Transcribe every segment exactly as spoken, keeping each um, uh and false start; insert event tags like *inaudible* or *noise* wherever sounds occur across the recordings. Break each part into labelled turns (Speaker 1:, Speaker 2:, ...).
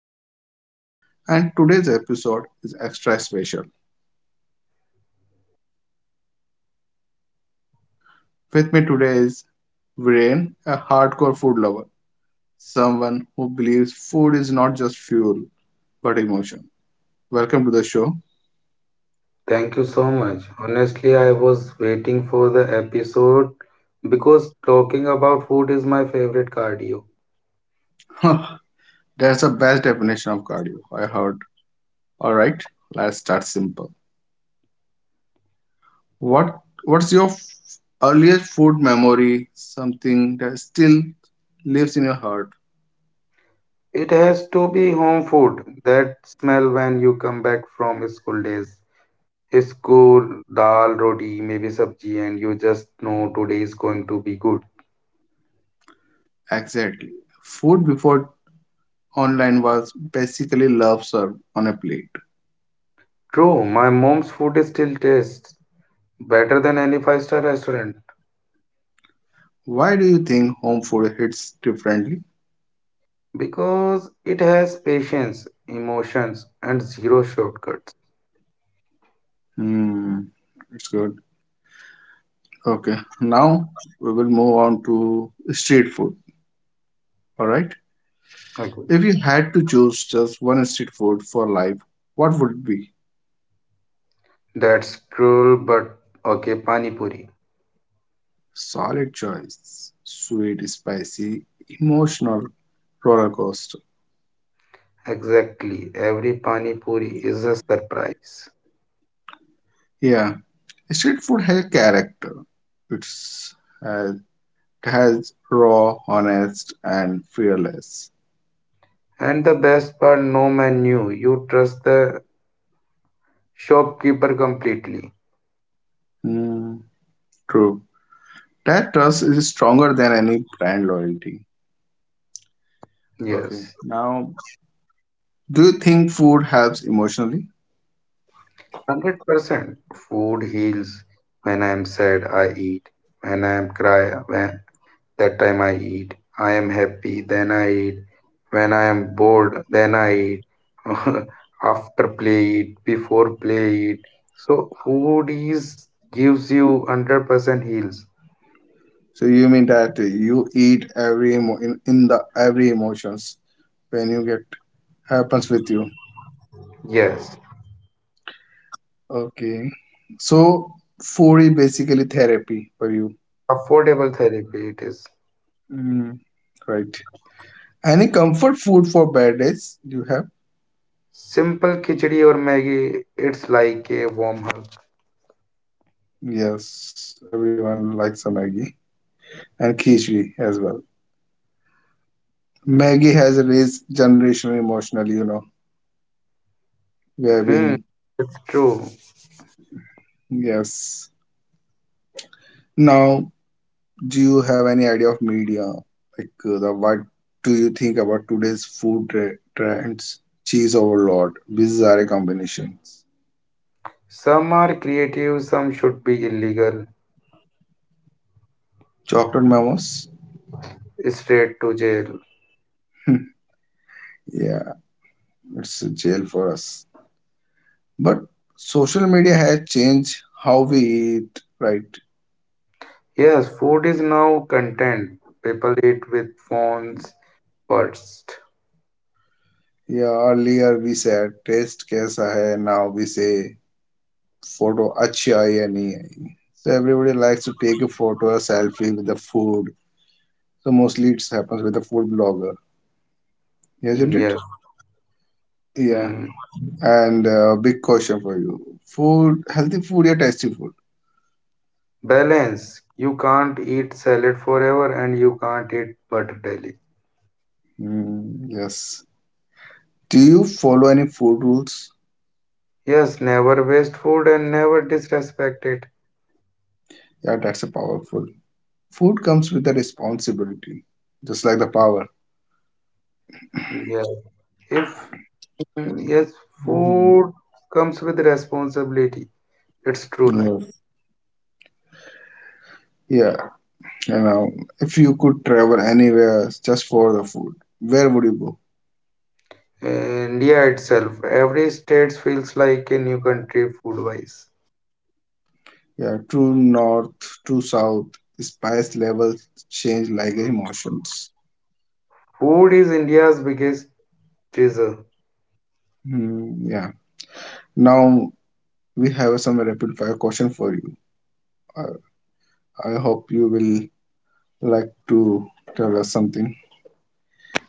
Speaker 1: host, Sumit, and today's episode is extra special. With me today is Viren, a hardcore food lover, someone who believes food is not just fuel, but emotion. Welcome to the show.
Speaker 2: Thank you so much. Honestly, I was waiting for the episode because talking about food is my favorite cardio.
Speaker 1: *laughs* That's the best definition of cardio I heard. All right, let's start simple. What What's your f- earliest food memory? Something that still lives in your heart.
Speaker 2: It has to be home food, that smell when you come back from school days. School, dal, roti, maybe sabji, and you just know today is going to be good.
Speaker 1: Exactly. Food before online was basically love served on a plate.
Speaker 2: True, my mom's food is still tastes better than any five-star restaurant
Speaker 1: Why do you think home food hits differently?
Speaker 2: because it has patience, emotions, and zero shortcuts.
Speaker 1: Hmm, it's good. Okay, now we will move on to street food. All right.
Speaker 2: Okay.
Speaker 1: If you had to choose just one street food for life, what would it be?
Speaker 2: That's cruel, but okay, Pani Puri.
Speaker 1: Solid choice. Sweet, spicy, emotional roller coaster.
Speaker 2: Exactly. Every Pani Puri is a surprise.
Speaker 1: Yeah, street food has character. It's uh, it has raw, honest, and fearless.
Speaker 2: And the best part, no menu. You trust the shopkeeper completely.
Speaker 1: Hmm, true. That trust is stronger than any brand loyalty. Okay.
Speaker 2: Yes,
Speaker 1: Now, do you think food helps emotionally?
Speaker 2: one hundred percent. Food heals. When I am sad, I eat. When I am cry, when that time I eat. I am happy, then I eat. When I am bored, then I eat. *laughs* After play eat, before play eat. So food is gives you one hundred percent heals.
Speaker 1: So you mean that you eat every emo- in, in the every emotions when you get happens with you?
Speaker 2: Yes,
Speaker 1: Okay. So food is basically therapy for you.
Speaker 2: affordable therapy it is.
Speaker 1: Mm, right. Any comfort food for bad days you have?
Speaker 2: Simple khichdi or maggi. It's like a warm hug.
Speaker 1: Yes, everyone likes a Maggie and khichdi as well. Maggie has raised generation emotionally, you know. We are
Speaker 2: Hmm,
Speaker 1: being
Speaker 2: true.
Speaker 1: yes. Now, do you have any idea of media? Like uh, the what do you think about today's food tre- trends? Cheese overload. Bizarre combinations.
Speaker 2: Some are creative, some should be illegal.
Speaker 1: Chocolate memos. *laughs*
Speaker 2: Straight to jail.
Speaker 1: Yeah. It's a jail for us. But social media has changed how we eat, right?
Speaker 2: Yes, food is now content. People eat with phones, first.
Speaker 1: Yeah, earlier we said taste kaisa hai. Now we say photo achhi aayi hai nahi aayi. So everybody likes to take a photo, a selfie with the food. So mostly it happens with the food blogger, isn't it?
Speaker 2: Yes.
Speaker 1: Yeah.
Speaker 2: Mm.
Speaker 1: And uh, big question for you: food, healthy food or tasty food?
Speaker 2: Balance. You can't eat salad forever and you can't eat butter daily.
Speaker 1: Mm, yes. Do you follow any food rules?
Speaker 2: Yes, never waste food and never disrespect it.
Speaker 1: Yeah, that's a powerful. Food comes with a responsibility, just like the power.
Speaker 2: Yes. If mm, yes,
Speaker 1: Hmm.
Speaker 2: food comes with responsibility. It's true line.
Speaker 1: Yes. Yeah, you know, if you could travel anywhere just for the food, where would you go?
Speaker 2: India itself, every state feels like a new country food-wise.
Speaker 1: Yeah, true north, true south, spice levels change like emotions.
Speaker 2: Food is India's biggest treasure.
Speaker 1: Hmm, yeah. Now we have some rapid fire question for you. I, I hope you will like to tell us something.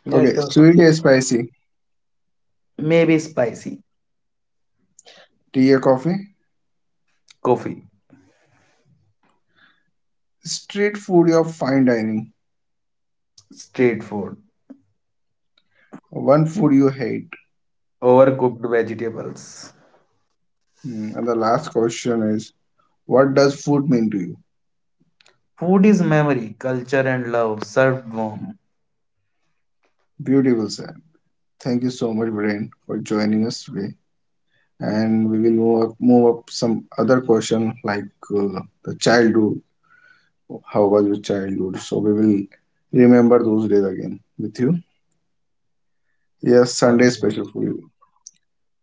Speaker 2: Yeah,
Speaker 1: Okay,
Speaker 2: sure.
Speaker 1: sweet or spicy?
Speaker 2: Maybe spicy
Speaker 1: Tea or coffee?
Speaker 2: coffee,
Speaker 1: Street food or fine dining?
Speaker 2: street food,
Speaker 1: One food you hate.
Speaker 2: overcooked vegetables.
Speaker 1: Mm. And the last question is, what does food mean to you?
Speaker 2: Food is memory, culture, and love served warm.
Speaker 1: Beautiful, Sam. Thank you so much, Brian, for joining us today. And we will move up, move up some other question like uh, the childhood. How was your childhood? So we will remember those days again with you. Yes, Sunday
Speaker 2: Okay.
Speaker 1: special for you.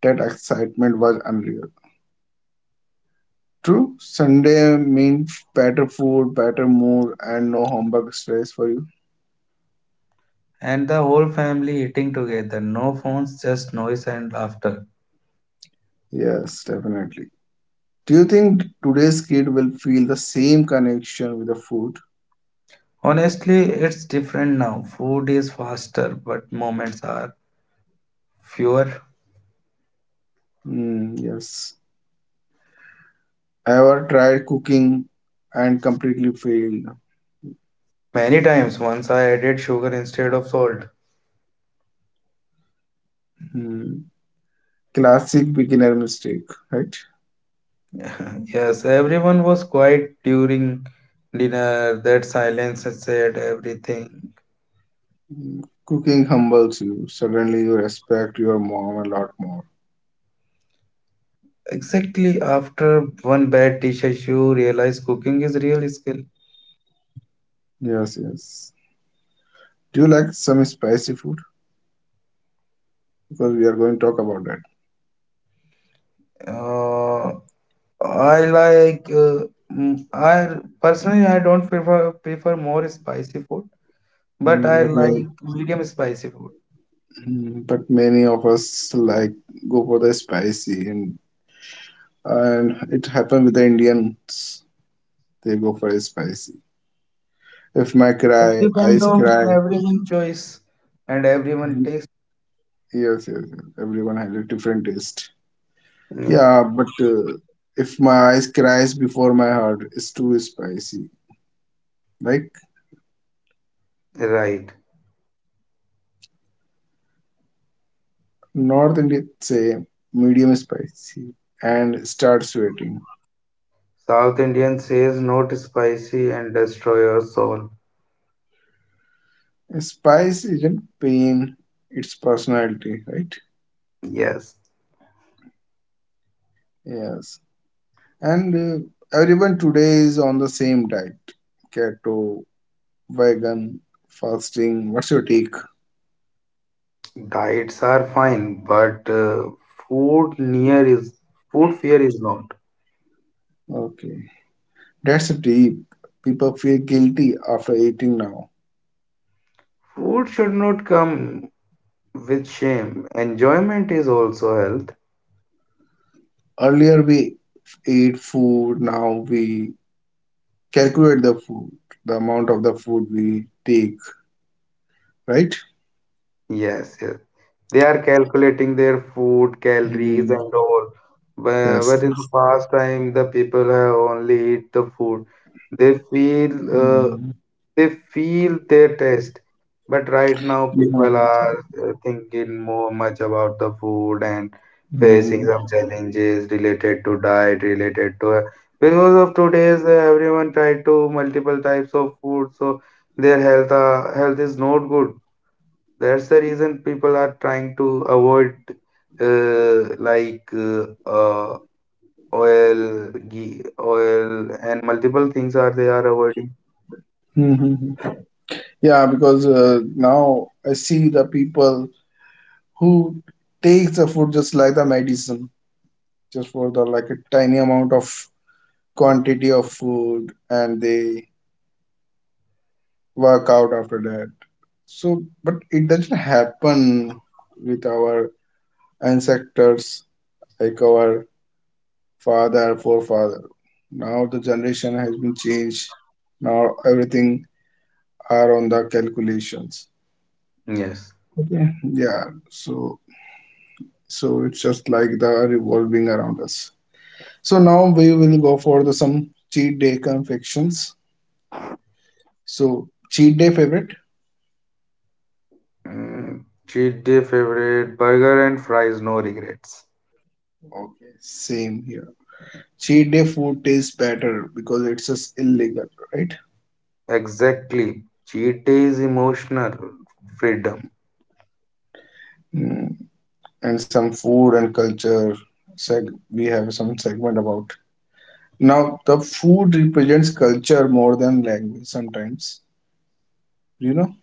Speaker 1: That excitement was unreal. True, Sunday means better food, better mood, and no homework stress for you.
Speaker 2: And the whole family eating together. No phones, just noise and laughter.
Speaker 1: Yes, definitely. Do you think today's kid will feel the same connection with the food?
Speaker 2: Honestly, it's different now. Food is faster, but moments are fewer.
Speaker 1: Hmm, yes. I ever tried cooking and completely failed.
Speaker 2: Many times, once I added sugar instead of salt.
Speaker 1: Hmm. Classic beginner mistake, right?
Speaker 2: *laughs* Yes, everyone was quiet during dinner. That silence said everything.
Speaker 1: Hmm. Cooking humbles you. Suddenly you respect your mom a lot more.
Speaker 2: Exactly after one bad dish, you realize cooking is real skill.
Speaker 1: Yes, yes. Do you like some spicy food? Because we are going to talk about that.
Speaker 2: Uh, I like. Uh, mm, I personally I don't prefer prefer more spicy food, but
Speaker 1: Mm,
Speaker 2: I
Speaker 1: but
Speaker 2: like
Speaker 1: many,
Speaker 2: medium spicy food.
Speaker 1: mm, but many of us like go for the spicy, and and it happened with the Indians. They go for spicy. If my
Speaker 2: It
Speaker 1: cry,
Speaker 2: depends
Speaker 1: eyes
Speaker 2: on
Speaker 1: cry.
Speaker 2: everyone choice and everyone
Speaker 1: Yes,
Speaker 2: taste.
Speaker 1: yes, yes. Everyone has a different taste.
Speaker 2: Yeah,
Speaker 1: Yeah, but uh, if my eyes cries before my heart, it's too spicy. Like
Speaker 2: right.
Speaker 1: North Indian say, medium spicy, and start sweating.
Speaker 2: South Indian says not spicy and destroy your soul.
Speaker 1: Spice isn't pain; it's personality, right?
Speaker 2: Yes,
Speaker 1: Yes. And uh, everyone today is on the same diet: keto, vegan, fasting. What's your take?
Speaker 2: diets are fine, but uh, food near is food fear is not.
Speaker 1: Okay. That's deep. People feel guilty after eating now.
Speaker 2: Food should not come with shame. Enjoyment is also health.
Speaker 1: Earlier we ate food, now we calculate the food, the amount of the food we take, right?
Speaker 2: Yes, yes. They are calculating their food, calories,
Speaker 1: Mm,
Speaker 2: and all. But, but
Speaker 1: yes.
Speaker 2: in the past time, the people have only eat the food. They feel uh,
Speaker 1: Mm,
Speaker 2: they feel their taste but right now
Speaker 1: yeah.
Speaker 2: people are uh, thinking more much about the food and facing
Speaker 1: Mm,
Speaker 2: some challenges related to diet related to uh, because of today's uh, everyone tried to multiple types of food so their health uh, health is not good, that's the reason people are trying to avoid uh, like uh, uh, oil ghee, oil and multiple things are they are avoiding.
Speaker 1: mhm. Yeah, because uh, now I see the people who takes the food just like the medicine, just for the like a tiny amount of quantity of food, and they work out after that. So, but it doesn't happen with our ancestors, like our father, forefather. Now the generation has been changed. Now everything are on the calculations.
Speaker 2: Yes.
Speaker 1: Okay. Yeah. So, so it's just like the revolving around us. So now we will go for the some cheat day confections. So cheat day favorite?
Speaker 2: Mm, cheat day favorite burger and fries, no regrets.
Speaker 1: Okay. Same here. Cheat day food tastes better because it's just illegal, right?
Speaker 2: Exactly. Cheat day is emotional freedom.
Speaker 1: Hmm. And some food and culture seg- we have some segment about now the food represents culture more than language sometimes you know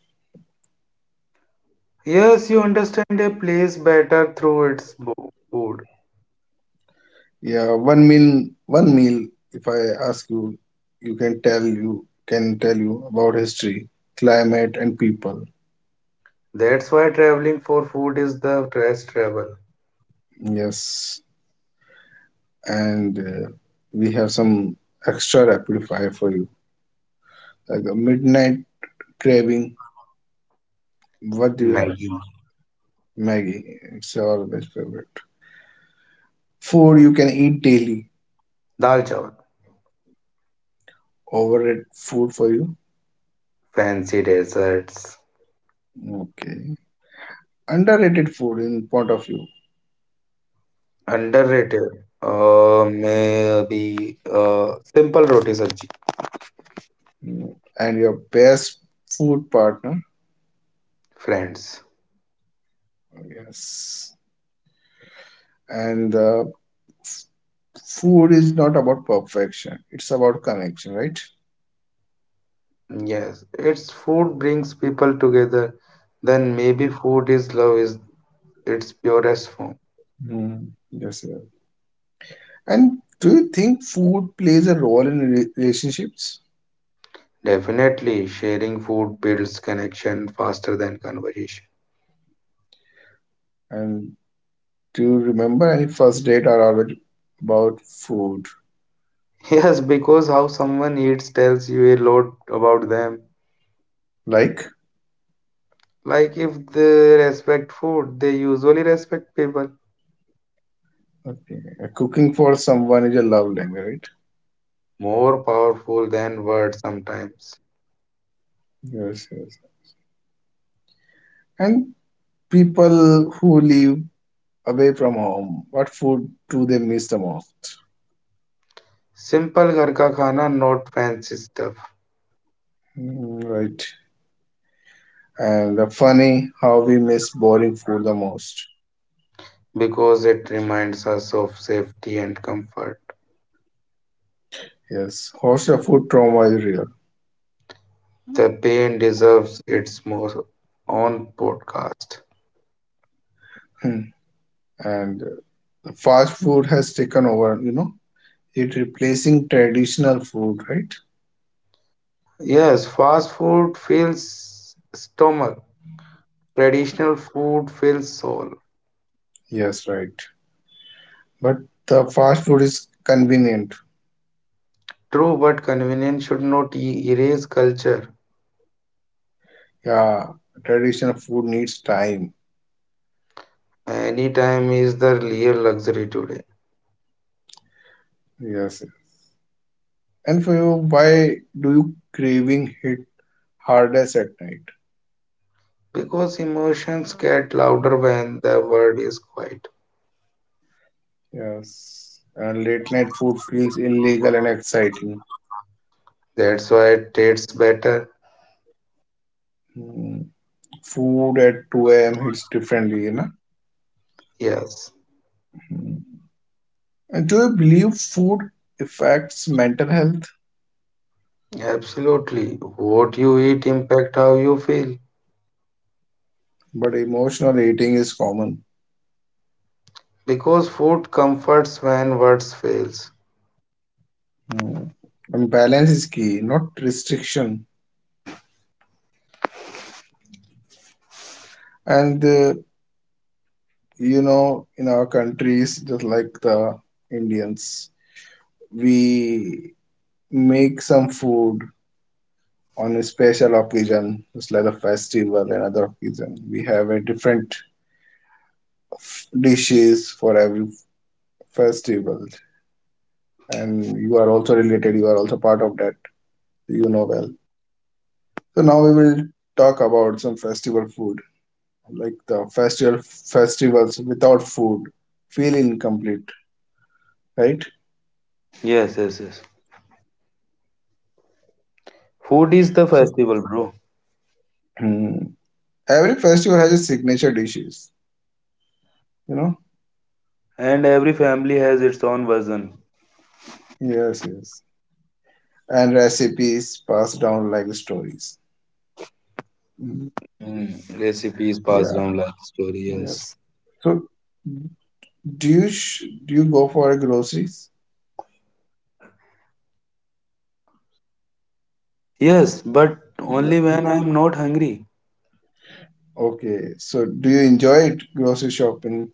Speaker 2: Yes, you understand a place better through its bo- food.
Speaker 1: yeah, one meal one meal if I ask you, you can tell you can tell you about history, climate, and people.
Speaker 2: That's why traveling for food is the best travel.
Speaker 1: Yes. And uh, we have some extra rapid fire for you, like a midnight craving. What do you have?
Speaker 2: Maggi,
Speaker 1: Maggie. It's your best favorite food you can eat daily.
Speaker 2: dal chawal,
Speaker 1: Overrated food for you?
Speaker 2: fancy desserts,
Speaker 1: Okay. Underrated food in point of view.
Speaker 2: underrated. Uh, maybe uh, simple roti sabji.
Speaker 1: Mm. And your best food partner?
Speaker 2: Friends.
Speaker 1: Yes. And uh, f- food is not about perfection. It's about connection, right?
Speaker 2: Yes, it's food brings people together. Then maybe food is love is its purest form.
Speaker 1: Mm. Yes, yes. And do you think food plays a role in re- relationships?
Speaker 2: Definitely, sharing food builds connection faster than conversation.
Speaker 1: And do you remember any first date or always about food?
Speaker 2: *laughs* Yes, because how someone eats tells you a lot about them.
Speaker 1: Like,
Speaker 2: Like if they respect food, they usually respect people.
Speaker 1: okay, uh, cooking for someone is a love language,
Speaker 2: More powerful than words sometimes.
Speaker 1: right? Yes, yes. And people who live away from home, what food do they miss the most?
Speaker 2: Simple ghar ka khana, not fancy stuff,
Speaker 1: Mm. Right. And the funny how we miss boring food the most.
Speaker 2: because it reminds us of safety and comfort.
Speaker 1: Yes, hostel food trauma is real.
Speaker 2: The pain deserves its most own podcast.
Speaker 1: Hmm. And the fast food has taken over, you know, it replacing traditional food, right?
Speaker 2: Yes, fast food fills stomach. Traditional food fills soul.
Speaker 1: Yes, right. But the fast food is convenient.
Speaker 2: True, but convenience should not e- erase culture.
Speaker 1: Yeah, traditional food needs time.
Speaker 2: Any time is the real luxury today.
Speaker 1: Yes. And for you, why do you craving hit hardest at night?
Speaker 2: Because emotions get louder when the world is quiet.
Speaker 1: Yes, and late night food feels illegal and exciting.
Speaker 2: That's why it tastes better.
Speaker 1: Hmm. Food at two a m hits differently, you know.
Speaker 2: Yes,
Speaker 1: Hmm. And do you believe food affects mental health?
Speaker 2: absolutely. What you eat impact how you feel.
Speaker 1: But emotional eating is common.
Speaker 2: Because food comforts when words fails.
Speaker 1: Hmm. And balance is key, not restriction. And uh, you know, in our countries, just like the Indians, we make some food on a special occasion, just like a festival, another occasion. We have a different f- dishes for every festival, and you are also related. You are also part of that. You know well. So now we will talk about some festival food, like the festival festivals without food feel incomplete, right?
Speaker 2: Yes, yes, yes. Food is the
Speaker 1: So
Speaker 2: festival, bro.
Speaker 1: hmm, every festival has a signature dishes. You know.
Speaker 2: And every family has its own version.
Speaker 1: Yes, yes. And recipes passed down like stories. Mm.
Speaker 2: Mm, recipes passed
Speaker 1: Yeah.
Speaker 2: down like story, yes.
Speaker 1: Yes. So, do you sh do you go for groceries?
Speaker 2: Yes, but
Speaker 1: Yeah.
Speaker 2: only when I'm not hungry.
Speaker 1: Okay. So, do you enjoy it, grocery shopping?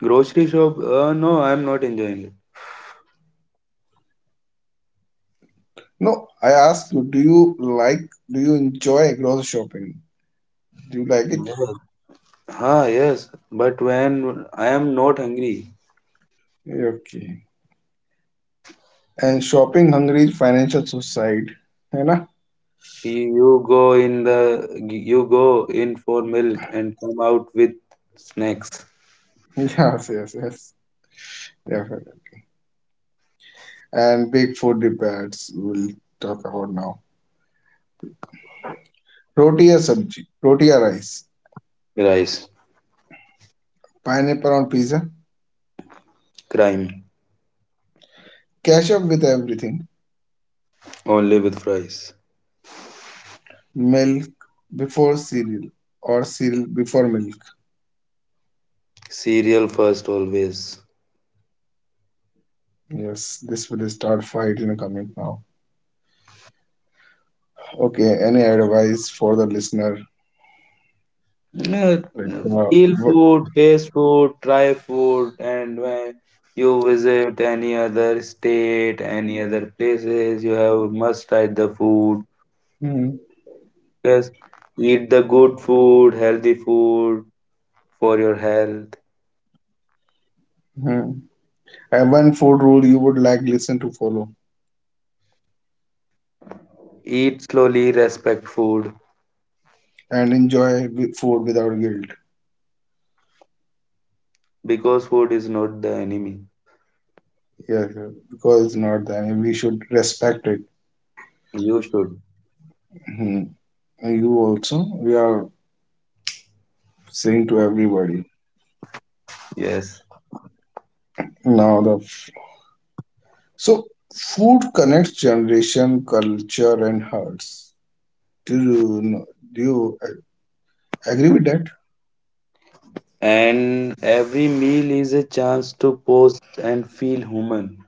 Speaker 2: Grocery shop, uh, no, I'm not enjoying it.
Speaker 1: No, I ask you, do you like, do you enjoy grocery shopping? Do you like it?
Speaker 2: Yes. Ah, yes, but when I am not hungry,
Speaker 1: Okay. And shopping hungry financial suicide, है ना?
Speaker 2: you you go in the you go in for milk and come out with snacks.
Speaker 1: *laughs* Yes, yes, yes. Definitely. And big food repairats we'll talk about now. Roti or sabji, roti or rice,
Speaker 2: Rice,
Speaker 1: pineapple on pizza.
Speaker 2: crime,
Speaker 1: Cash up with everything.
Speaker 2: only with fries.
Speaker 1: Milk before cereal or cereal before milk.
Speaker 2: Cereal first always.
Speaker 1: Yes, this will start fight in a comment now. Okay, any advice for the listener?
Speaker 2: Uh,
Speaker 1: Like, uh,
Speaker 2: feel
Speaker 1: wh-
Speaker 2: food, taste food, try food, and when you visit any other state, any other places, you have must try the food.
Speaker 1: hmm,
Speaker 2: Yes, eat the good food, healthy food for your health.
Speaker 1: hmm. And one food rule you would like listen to follow
Speaker 2: Eat slowly, respect food
Speaker 1: and enjoy wi- food without guilt.
Speaker 2: because food is not the enemy.
Speaker 1: Yes, yes, because it's not that we should respect it.
Speaker 2: You should,
Speaker 1: Hmm. And you also, we are saying to everybody.
Speaker 2: yes.
Speaker 1: Now the f- so food connects generation, culture, and hearts. Do you, do you agree with that?
Speaker 2: And every meal is a chance to pause and feel human.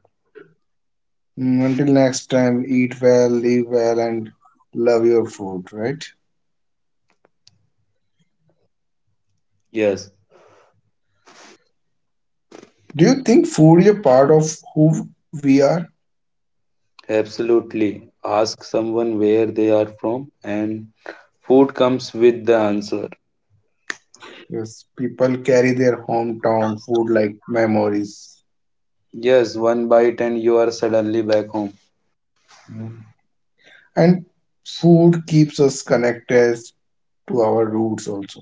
Speaker 1: Mm. Until next time, eat well, live well, and love your food, right?
Speaker 2: Yes.
Speaker 1: Do you think food is a part of who we are?
Speaker 2: Absolutely. Ask someone where they are from, and food comes with the answer.
Speaker 1: Yes, people carry their hometown food like memories.
Speaker 2: Yes, one bite and you are suddenly back home.
Speaker 1: Mm. And food keeps us connected to our roots also.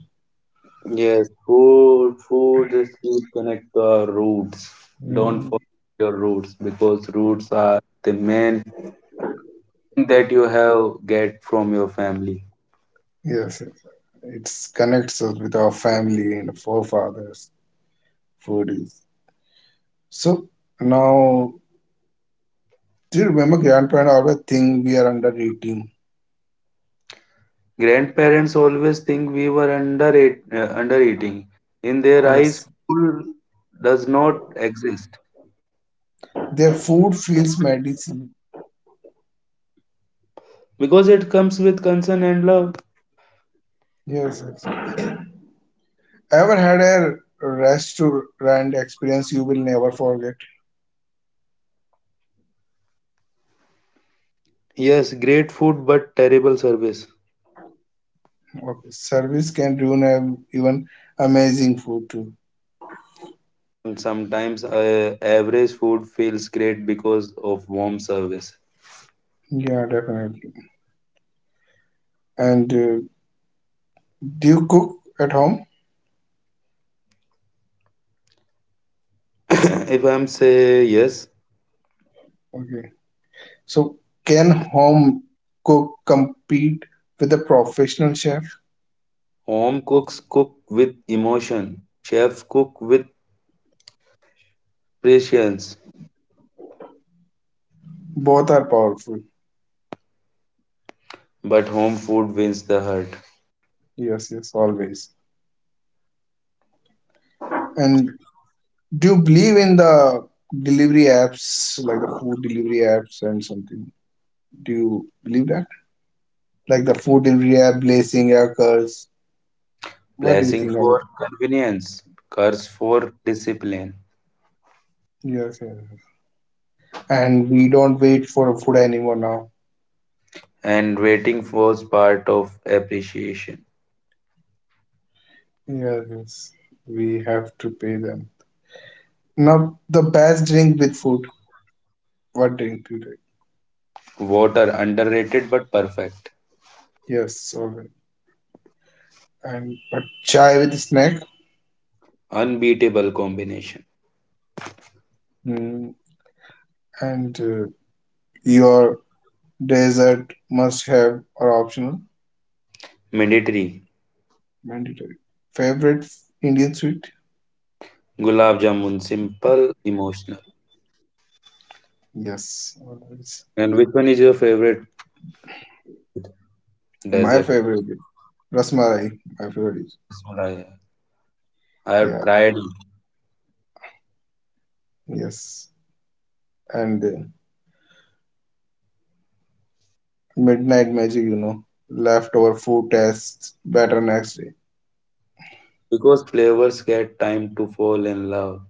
Speaker 2: Yes, food, food is keep connect to our roots. Don't
Speaker 1: Mm.
Speaker 2: forget your roots because roots are the main thing that you have get from your family.
Speaker 1: Yes, it connects us with our family and forefathers. Food is. So now, do you remember grandparents always think we are under eating?
Speaker 2: Grandparents always think we were under eat, uh, under eating. In their eyes,
Speaker 1: Yes.
Speaker 2: food does not exist
Speaker 1: Their food feels medicine.
Speaker 2: because it comes with concern and love.
Speaker 1: Yes, yes. Ever had a restaurant experience you will never forget?
Speaker 2: Yes, great food but terrible service.
Speaker 1: Okay. Service can ruin a, even amazing food too.
Speaker 2: And sometimes uh, average food feels great because of warm service.
Speaker 1: Yeah, definitely. And uh, do you cook at home?
Speaker 2: *coughs* If I'm say yes,
Speaker 1: Okay. So can home cook compete with a professional chef?
Speaker 2: home cooks cook with emotion, chef cook with patience,
Speaker 1: Both are powerful.
Speaker 2: but home food wins the heart.
Speaker 1: Yes, yes, always. And do you believe in the delivery apps, like the food delivery apps and something? Do you believe that? Like the food delivery app, blazing curse. What do you
Speaker 2: Blessing
Speaker 1: think of it?
Speaker 2: for convenience, curse for discipline,
Speaker 1: Yes, yes, yes. And we don't wait for food anymore now.
Speaker 2: and waiting was part of appreciation.
Speaker 1: Yes, yes. We have to pay them. Now, the best drink with food. What drink do you take?
Speaker 2: Water underrated but perfect,
Speaker 1: Yes, all right. And but chai with snack.
Speaker 2: unbeatable combination.
Speaker 1: Mm, and uh, your dessert must have or optional.
Speaker 2: Military
Speaker 1: Mandatory. Favorite Indian sweet?
Speaker 2: Gulab jamun, simple, emotional.
Speaker 1: Yes, always.
Speaker 2: And which one is your favorite
Speaker 1: My
Speaker 2: dessert?
Speaker 1: favorite is Rasmalai. My favorite is-
Speaker 2: Rasmalai. I have
Speaker 1: yeah,
Speaker 2: tried it
Speaker 1: yes. And uh, midnight magic, you know, leftover food tastes better next day.
Speaker 2: because flavors get time to fall in love.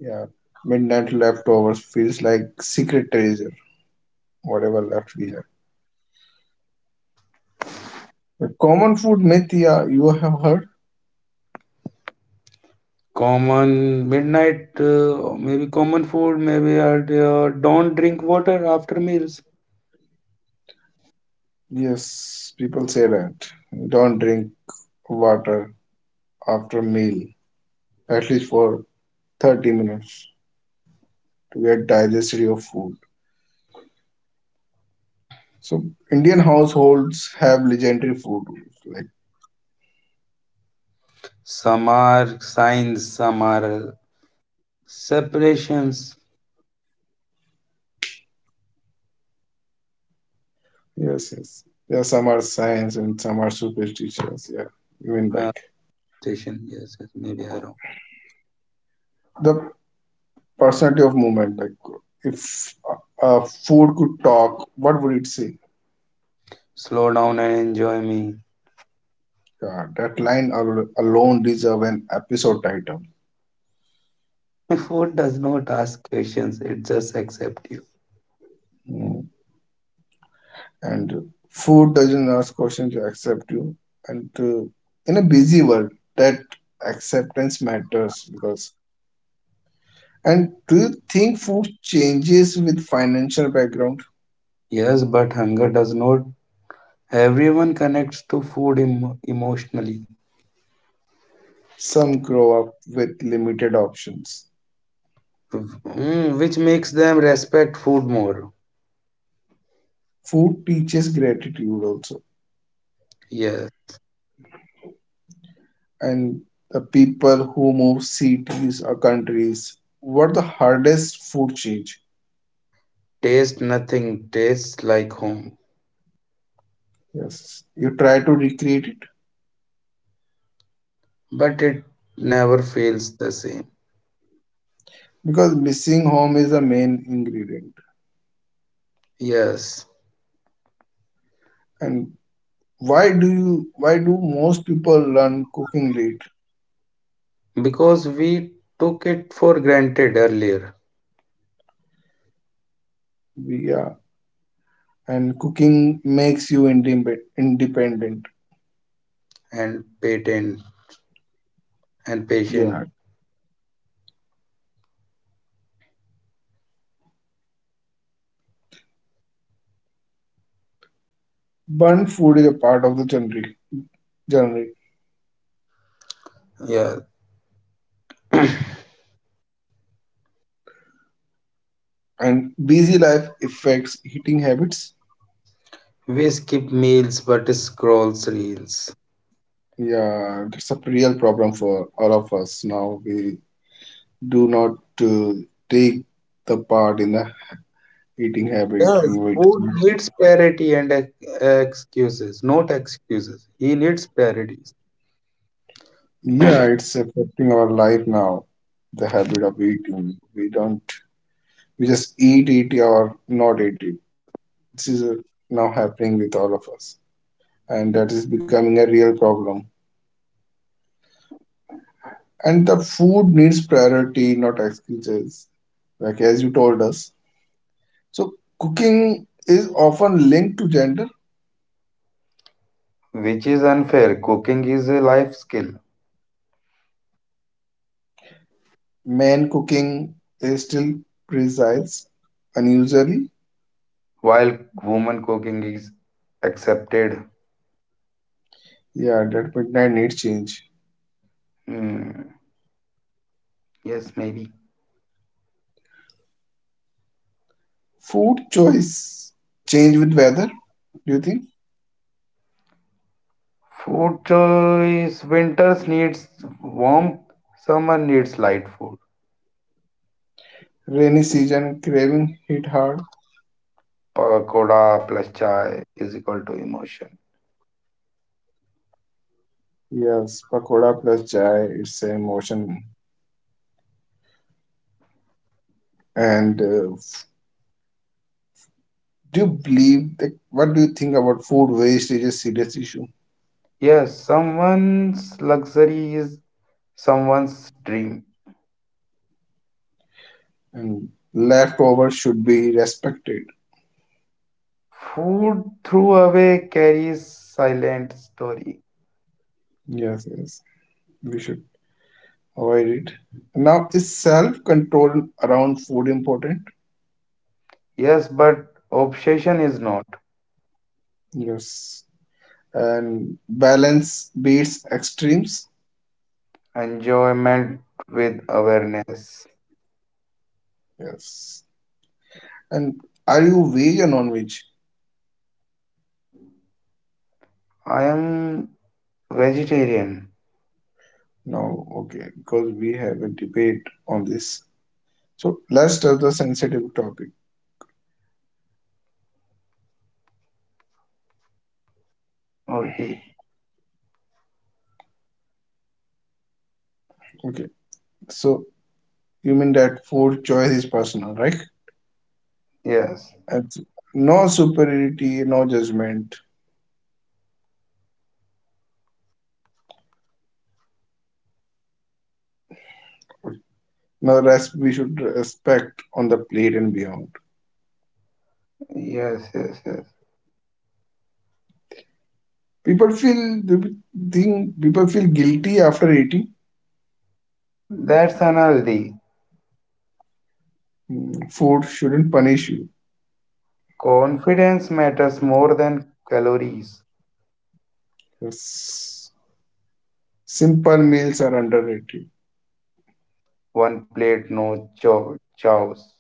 Speaker 1: Yeah, midnight leftovers feels like secret treasure, whatever left we have. The common food myth, yeah, you have heard?
Speaker 2: Common midnight, uh, maybe common food, maybe uh, uh, don't drink water after meals.
Speaker 1: Yes, people say that. Don't drink water after meal, at least for thirty minutes to get digested your food. So Indian households have legendary food rules. Like
Speaker 2: Some are signs, some are uh, separations.
Speaker 1: yes, yes. Yeah, some are science and some are superstitious. Yeah, even
Speaker 2: Uh,
Speaker 1: like
Speaker 2: station, yes, yes, maybe I wrong.
Speaker 1: the personality of movement. Like if a a food could talk, what would it say?
Speaker 2: Slow down and enjoy me.
Speaker 1: Yeah, that line al- alone deserve an episode title.
Speaker 2: *laughs* Food does not ask questions; it just accepts you.
Speaker 1: Mm. And food doesn't ask questions to accept you. And uh, in a busy world, that acceptance matters because and do you think food changes with financial background?
Speaker 2: Yes, but hunger does not. Everyone connects to food em- emotionally.
Speaker 1: Some grow up with limited options.
Speaker 2: Mm, which makes them respect food more.
Speaker 1: Food teaches gratitude also.
Speaker 2: Yes,
Speaker 1: And the people who move cities or countries, what the hardest food change?
Speaker 2: taste nothing tastes like home,
Speaker 1: Yes. You try to recreate it
Speaker 2: but it never feels the same.
Speaker 1: because missing home is the main ingredient.
Speaker 2: Yes,
Speaker 1: And why do you why do most people learn cooking late?
Speaker 2: because we took it for granted earlier
Speaker 1: Yeah. And cooking makes you indep- independent.
Speaker 2: and patent and patient.
Speaker 1: Yeah, burnt food is a part of the genre, genre
Speaker 2: Yeah,
Speaker 1: and busy life affects eating habits.
Speaker 2: we skip meals but scrolls reels.
Speaker 1: Yeah, that's a real problem for all of us now. We do not uh, take the part in the eating habit,
Speaker 2: Yeah,
Speaker 1: and we,
Speaker 2: who needs parity and ex- excuses? Not excuses. He needs parities,
Speaker 1: yeah, it's affecting our life now. The habit of eating, we don't, we just eat, eat, or not eat it. This is uh, now happening with all of us, and that is becoming a real problem. And the food needs priority, not excuses like as you told us. So cooking is often linked to gender.
Speaker 2: which is unfair. Cooking is a life skill,
Speaker 1: Man cooking is still presides unusually.
Speaker 2: while woman cooking is accepted.
Speaker 1: Yeah, that midnight need change.
Speaker 2: Hmm, yes, maybe.
Speaker 1: Food choice change with weather. Do you think
Speaker 2: Food choice winters needs warmth, summer needs light food.
Speaker 1: rainy season craving hit hard?
Speaker 2: Pakoda plus chai is equal to emotion.
Speaker 1: Yes, pakoda plus chai. It's an emotion. And uh, f- do you believe that? What do you think about food waste is a serious issue
Speaker 2: Yes, someone's luxury is someone's dream.
Speaker 1: and leftover should be respected?
Speaker 2: Food through away carries silent story.
Speaker 1: Yes, yes. We should avoid it. Now, is self control around food important?
Speaker 2: Yes, but obsession is not.
Speaker 1: Yes. And balance beats extremes?
Speaker 2: Enjoyment with awareness.
Speaker 1: Yes. And are you veg or non veg?
Speaker 2: I am vegetarian.
Speaker 1: No, okay, because we have a debate on this. So let's touch the sensitive topic.
Speaker 2: Okay.
Speaker 1: Okay, so you mean that food choice is personal, right?
Speaker 2: Yes.
Speaker 1: And no superiority, no judgment, no rest. We should respect on the plate and beyond.
Speaker 2: Yes, yes, yes.
Speaker 1: People feel they think people feel guilty after eating.
Speaker 2: That's unhealthy.
Speaker 1: Mm. Food shouldn't punish you.
Speaker 2: Confidence matters more than calories.
Speaker 1: Yes. Simple meals are underrated.
Speaker 2: One plate, no chow chows.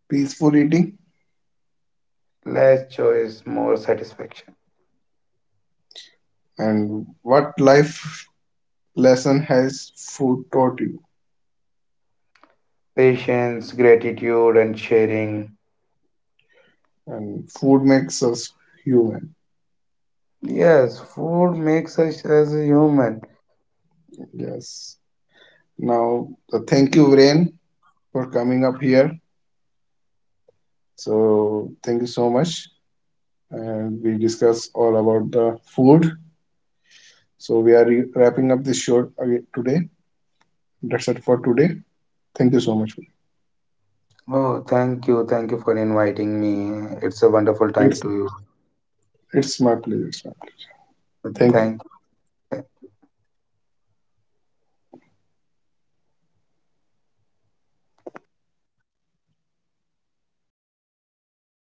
Speaker 1: Peaceful eating
Speaker 2: Less choice, more satisfaction.
Speaker 1: and what life lesson has food taught you?
Speaker 2: Patience, gratitude, and sharing.
Speaker 1: And food makes us human.
Speaker 2: Yes, food makes us as a human.
Speaker 1: Yes. Now, uh, thank you, Rain, for coming up here. So, thank you so much. And we discuss all about the food. So, we are re- wrapping up this show again today. That's it for today. Thank you so much.
Speaker 2: Oh, thank you. Thank you for inviting me. It's a wonderful time
Speaker 1: It's
Speaker 2: to you.
Speaker 1: it's my pleasure. It's my pleasure. Thank you.
Speaker 2: Thank